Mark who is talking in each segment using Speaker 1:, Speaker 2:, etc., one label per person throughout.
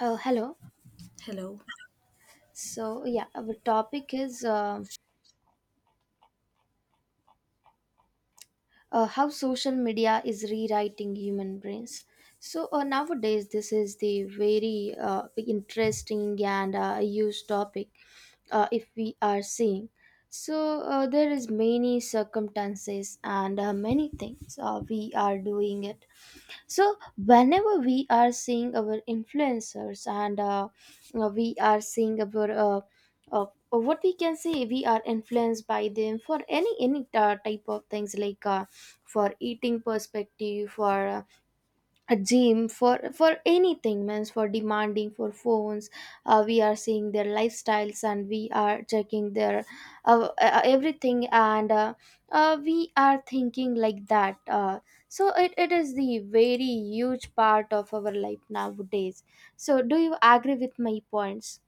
Speaker 1: Hello.
Speaker 2: Hello.
Speaker 1: So yeah, our topic is how social media is rewriting human brains. So nowadays, this is the very interesting and used topic if we are seeing. So there is many circumstances and many things we are doing it, so whenever we are seeing our influencers and we are seeing our uh, uh, what we can say, we are influenced by them for any type of things, like for eating perspective, for a gym, for anything, means for demanding for phones. We are seeing their lifestyles and we are checking their everything, and we are thinking like that. So it is the very huge part of our life nowadays. So do you agree with my points?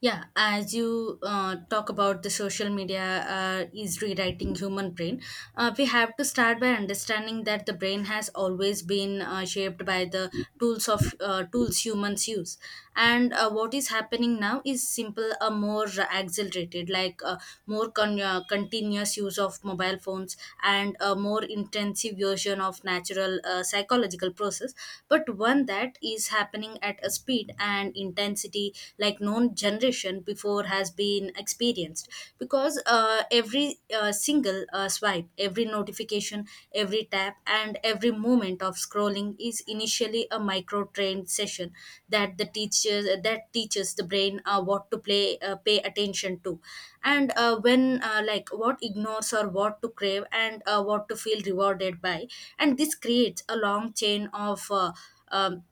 Speaker 2: Yeah, as you talk about the social media is rewriting human brain, we have to start by understanding that the brain has always been shaped by the tools humans use, and what is happening now is simple, a more accelerated, like more continuous use of mobile phones and a more intensive version of natural psychological process, but one that is happening at a speed and intensity like known generally generation before has been experienced, because every single swipe, every notification, every tap, and every moment of scrolling is initially a micro trained session that the teachers that teaches the brain what to play pay attention to, and when like what ignores or what to crave and what to feel rewarded by. And this creates a long chain of um,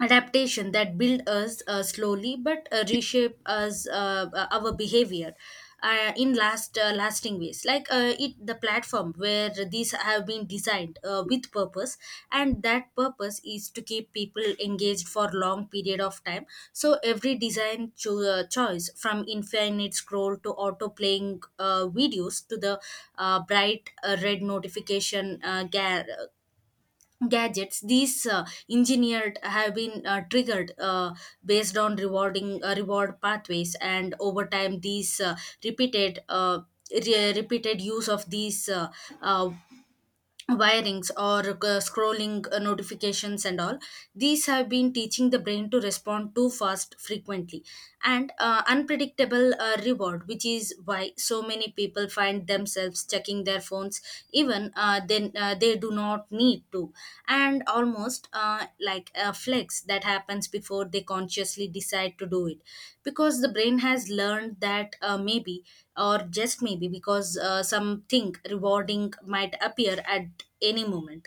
Speaker 2: adaptation that build us slowly but reshape us our behavior in lasting ways, like it, the platform where these have been designed with purpose, and that purpose is to keep people engaged for long period of time. So every design choice, from infinite scroll to auto playing videos, to the bright red notification gadgets, these engineered have been triggered based on reward pathways. And over time these repeated uh, repeated use of these uh, wirings, or scrolling, notifications, and all, these have been teaching the brain to respond too fast, frequently, and unpredictable reward, which is why so many people find themselves checking their phones even then they do not need to, and almost like a flex that happens before they consciously decide to do it, because the brain has learned that maybe, or just maybe, because something rewarding might appear at any moment.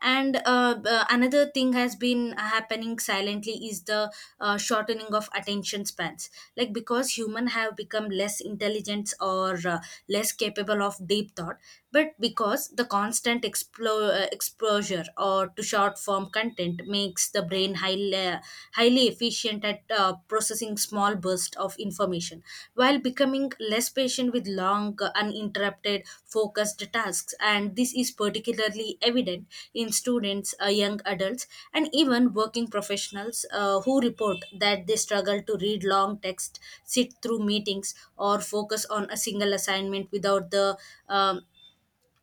Speaker 2: And another thing has been happening silently is the shortening of attention spans, like because human have become less intelligent or less capable of deep thought, but because the constant exposure or to short form content makes the brain been highly, highly efficient at processing small bursts of information while becoming less patient with long, uninterrupted, focused tasks. And this is particularly evident in students, young adults, and even working professionals who report that they struggle to read long text, sit through meetings, or focus on a single assignment without the um,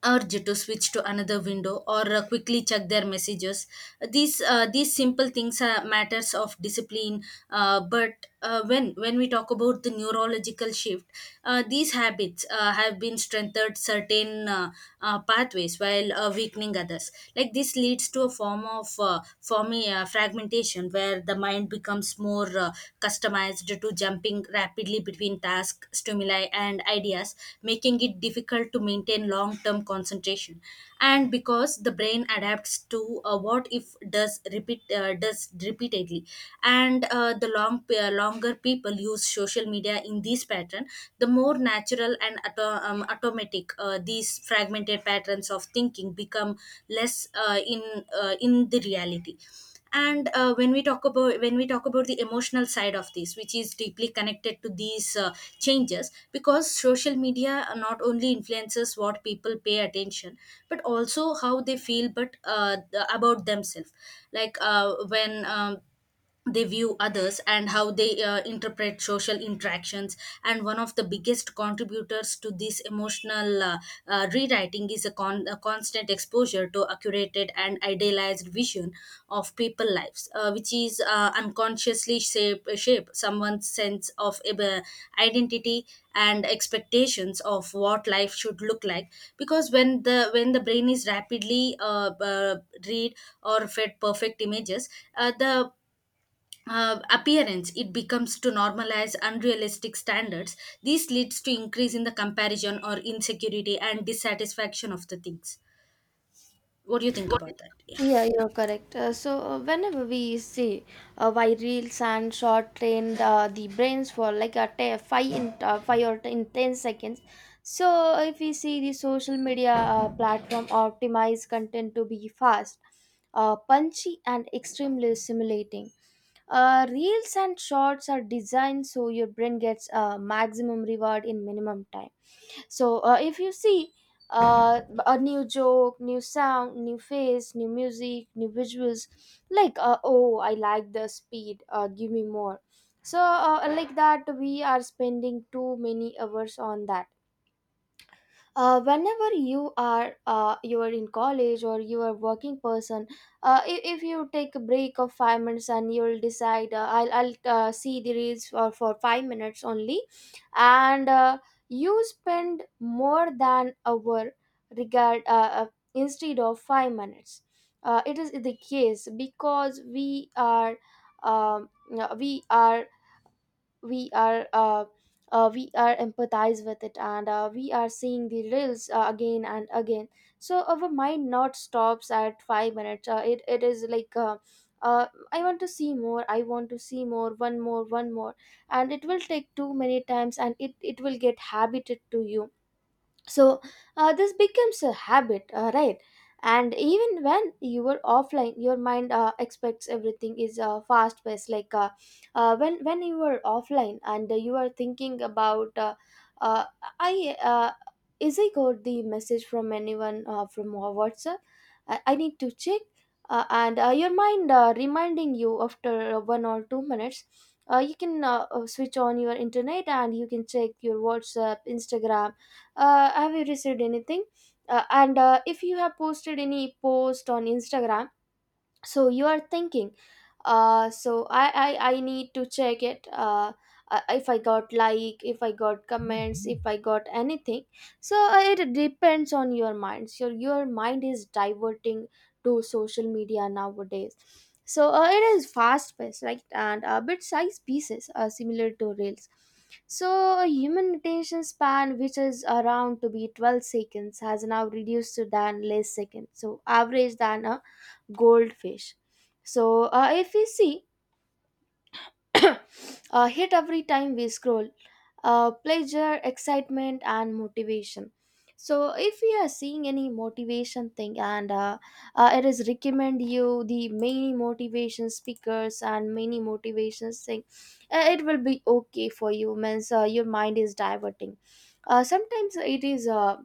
Speaker 2: urge to switch to another window or quickly check their messages. These simple things are matters of discipline, but when we talk about the neurological shift, these habits have been strengthened certain pathways while weakening others, like this leads to a form of fragmentation where the mind becomes more customized to jumping rapidly between tasks, stimuli, and ideas, making it difficult to maintain long term concentration. And because the brain adapts to a what if does repeat does repeatedly, and the long longer people use social media in this pattern, the more natural and automatic these fragmented patterns of thinking become less in the reality. And when we talk about when we talk about the emotional side of this, which is deeply connected to these changes, because social media not only influences what people pay attention but also how they feel, but about themselves, like when they view others and how they interpret social interactions. And one of the biggest contributors to this emotional rewriting is a constant exposure to a curated and idealized vision of people lives, which is unconsciously shape someone's sense of identity and expectations of what life should look like, because when the brain is rapidly read or fed perfect images, the appearance, it becomes to normalize unrealistic standards. This leads to increase in the comparison or insecurity and dissatisfaction of the things. What do you think about that? Yeah.
Speaker 1: Yeah, you're correct. So whenever we see why reels and short train the brains for like a five in five or in 10 seconds. So, if we see, the social media platform optimize content to be fast, punchy, and extremely stimulating. Reels and shorts are designed so your brain gets maximum reward in minimum time. So if you see a new joke, new sound, new face, new music, new visuals, like, oh, I like the speed. Give me more. So like that, we are spending too many hours on that. Whenever you are in college or you are working person, if you take a break of 5 minutes and you'll decide, I'll see the reels for 5 minutes only, and you spend more than hour, regard instead of 5 minutes. It is the case because um, uh, we are we are uh, we are empathize with it, and we are seeing the reels again and again. So our mind not stops at 5 minutes. It is like, uh, I want to see more, I want to see more, one more, one more. And it will take too many times and it will get habited to you. So this becomes a habit, right? And even when you are offline, your mind expects everything is fast paced, like when you are offline and you are thinking about, uh, I is I got the message from anyone from whatsapp? I need to check. And your mind reminding you after 1 or 2 minutes, you can switch on your internet and you can check your whatsapp, instagram. Have you received anything? And if you have posted any post on instagram, so you are thinking, I need to check it. If I got, like, if I got comments, if I got anything. So it depends on your mind. Your mind is diverting to social media nowadays. So it is fast paced, right? And bit size pieces are similar to reels. So a human attention span, which is around to be 12 seconds, has now reduced to than less seconds, so average than a goldfish. So, if we see hit every time we scroll, pleasure, excitement, and motivation. So, if you are seeing any motivation thing, and it is recommend you the many motivation speakers and many motivations thing, it will be okay for you. Means your mind is diverting. Sometimes it is.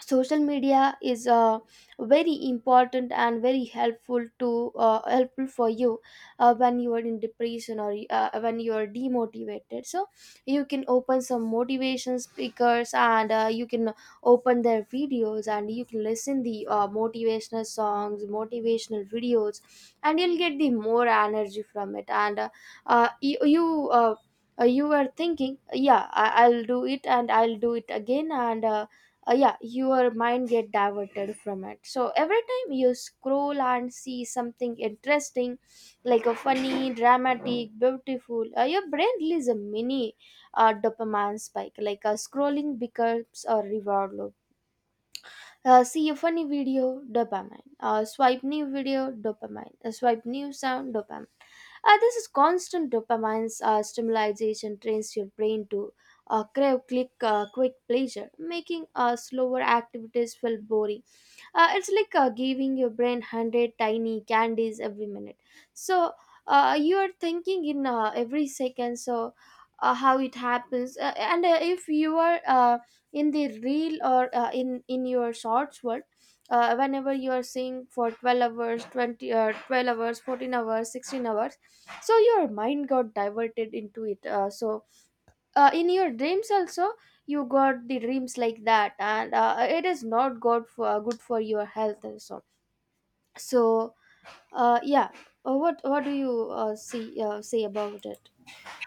Speaker 1: Social media is very important and very helpful to helpful for you when you are in depression or when you are demotivated, so you can open some motivation speakers and you can open their videos and you can listen the motivational songs, motivational videos, and you'll get the more energy from it. And uh, you, you uh, you were thinking, yeah, I'll do it and I'll do it again. And yeah, your mind get diverted from it. So every time you scroll and see something interesting, like a funny, dramatic, beautiful, your brain releases a mini dopamine spike, like a scrolling becomes a reward loop. See a funny video, dopamine. Swipe, new video, dopamine. Swipe, new sound, dopamine. This is constant dopamine stimulation trains your brain to crave, click, quick pleasure, making slower activities feel boring. It's like giving your brain 100 tiny candies every minute. So you are thinking in every second. So how it happens? And if you are in the real or in your shorts world, whenever you are seeing for 12 hours, 20, 12 hours, 14 hours, 16 hours, so your mind got diverted into it. So in your dreams also, you got the dreams like that. And it is not good for your health also. So yeah. What do you see say about it?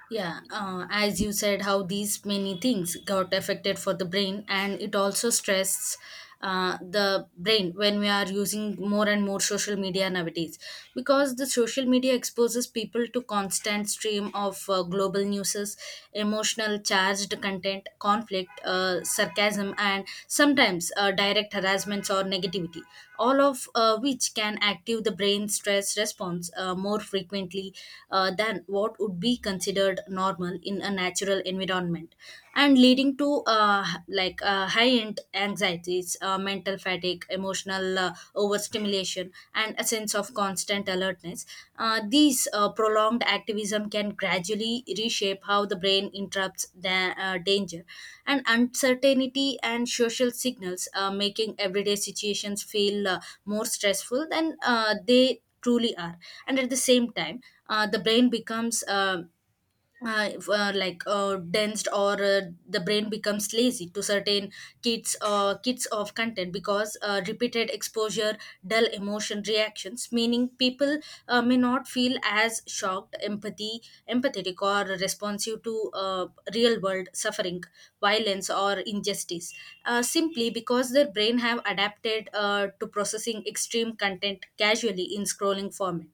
Speaker 2: Yeah, as you said, how these many things got affected for the brain, and it also stresses the brain when we are using more and more social media nowadays, because the social media exposes people to constant stream of global newses, emotional charged content, conflict, sarcasm, and sometimes direct harassments or negativity, all of which can active the brain stress response more frequently than what would be considered normal in a natural environment, and leading to like high end anxieties, mental fatigue, emotional overstimulation, and a sense of constant alertness. These prolonged activism can gradually reshape how the brain interrupts the danger and uncertainty and social signals, making everyday situations feel more stressful than they truly are. And at the same time, the brain becomes if, like dense, or the brain becomes lazy to certain kits of content, because repeated exposure dull emotion reactions, meaning people may not feel as shocked, empathy empathetic, or responsive to real world suffering, violence, or injustice, simply because their brain have adapted to processing extreme content casually in scrolling format.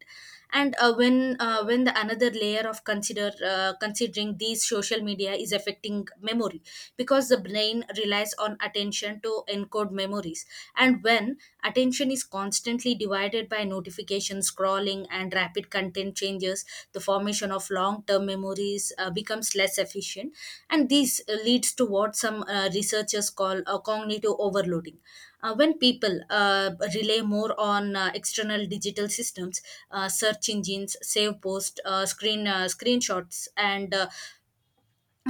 Speaker 2: And when when the another layer of considering these social media is affecting memory, because the brain relies on attention to encode memories. And when attention is constantly divided by notification scrolling and rapid content changes, the formation of long term memories becomes less efficient, and this leads to what some researchers call a cognitive overloading, when people rely more on external digital systems, search engines, save post, screenshots, and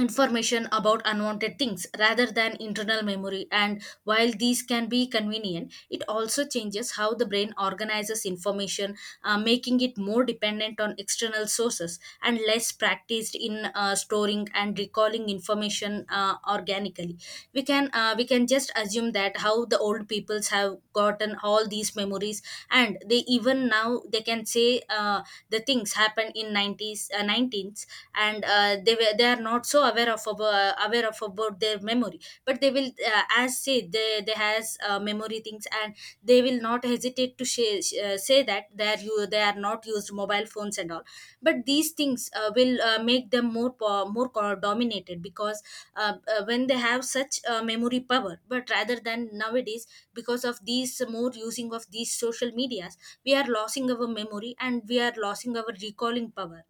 Speaker 2: information about unwanted things, rather than internal memory. And while these can be convenient, it also changes how the brain organizes information, making it more dependent on external sources and less practiced in storing and recalling information organically. We can just assume that how the old peoples have gotten all these memories, and they even now they can say the things happened in 90s, 19th, and they are not so aware of about their memory, but they will as say they has memory things, and they will not hesitate to say that they are not used mobile phones and all. But these things will make them more more dominated, because when they have such memory power, but rather than nowadays, because of these more using of these social medias, we are losing our memory and we are losing our recalling power.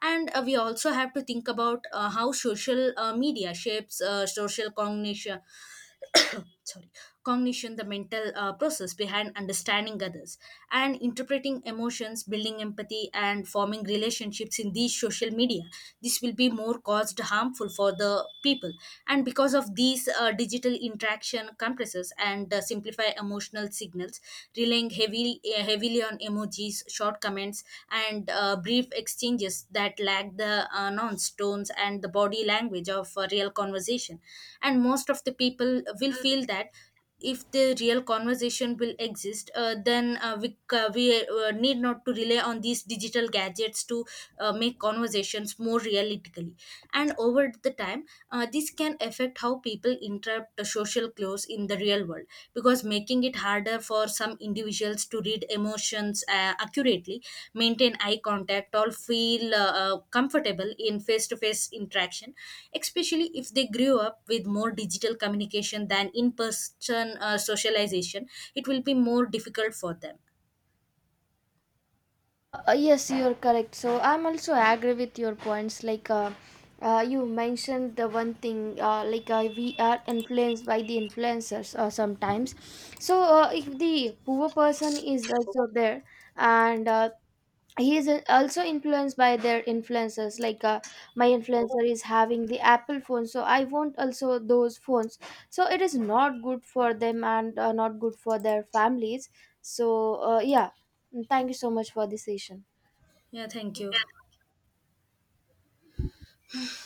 Speaker 2: And we also have to think about how social media shapes social cognition. Sorry, cognition, the mental process behind understanding others and interpreting emotions, building empathy, and forming relationships in these social media, this will be more caused harmful for the people. And because of these digital interaction compresses and simplify emotional signals, relying heavily on emojis, short comments, and brief exchanges that lack the nuance tones and the body language of real conversation. And most of the people will feel that if the real conversation will exist, then we need not to rely on these digital gadgets to make conversations more realistically. And over the time, this can affect how people interrupt the social cues in the real world, because making it harder for some individuals to read emotions accurately, maintain eye contact, or feel comfortable in face-to-face interaction, especially if they grew up with more digital communication than in-person socialization. It will be more difficult for them.
Speaker 1: Yes, you're correct. So I'm also agree with your points, like you mentioned the one thing, like we are influenced by the influencers, sometimes. So if the poor person is also there, and he is also influenced by their influencers, like my influencer is having the apple phone, so I want also those phones. So it is not good for them and not good for their families. So yeah, thank you so much for this session.
Speaker 2: Yeah, thank you.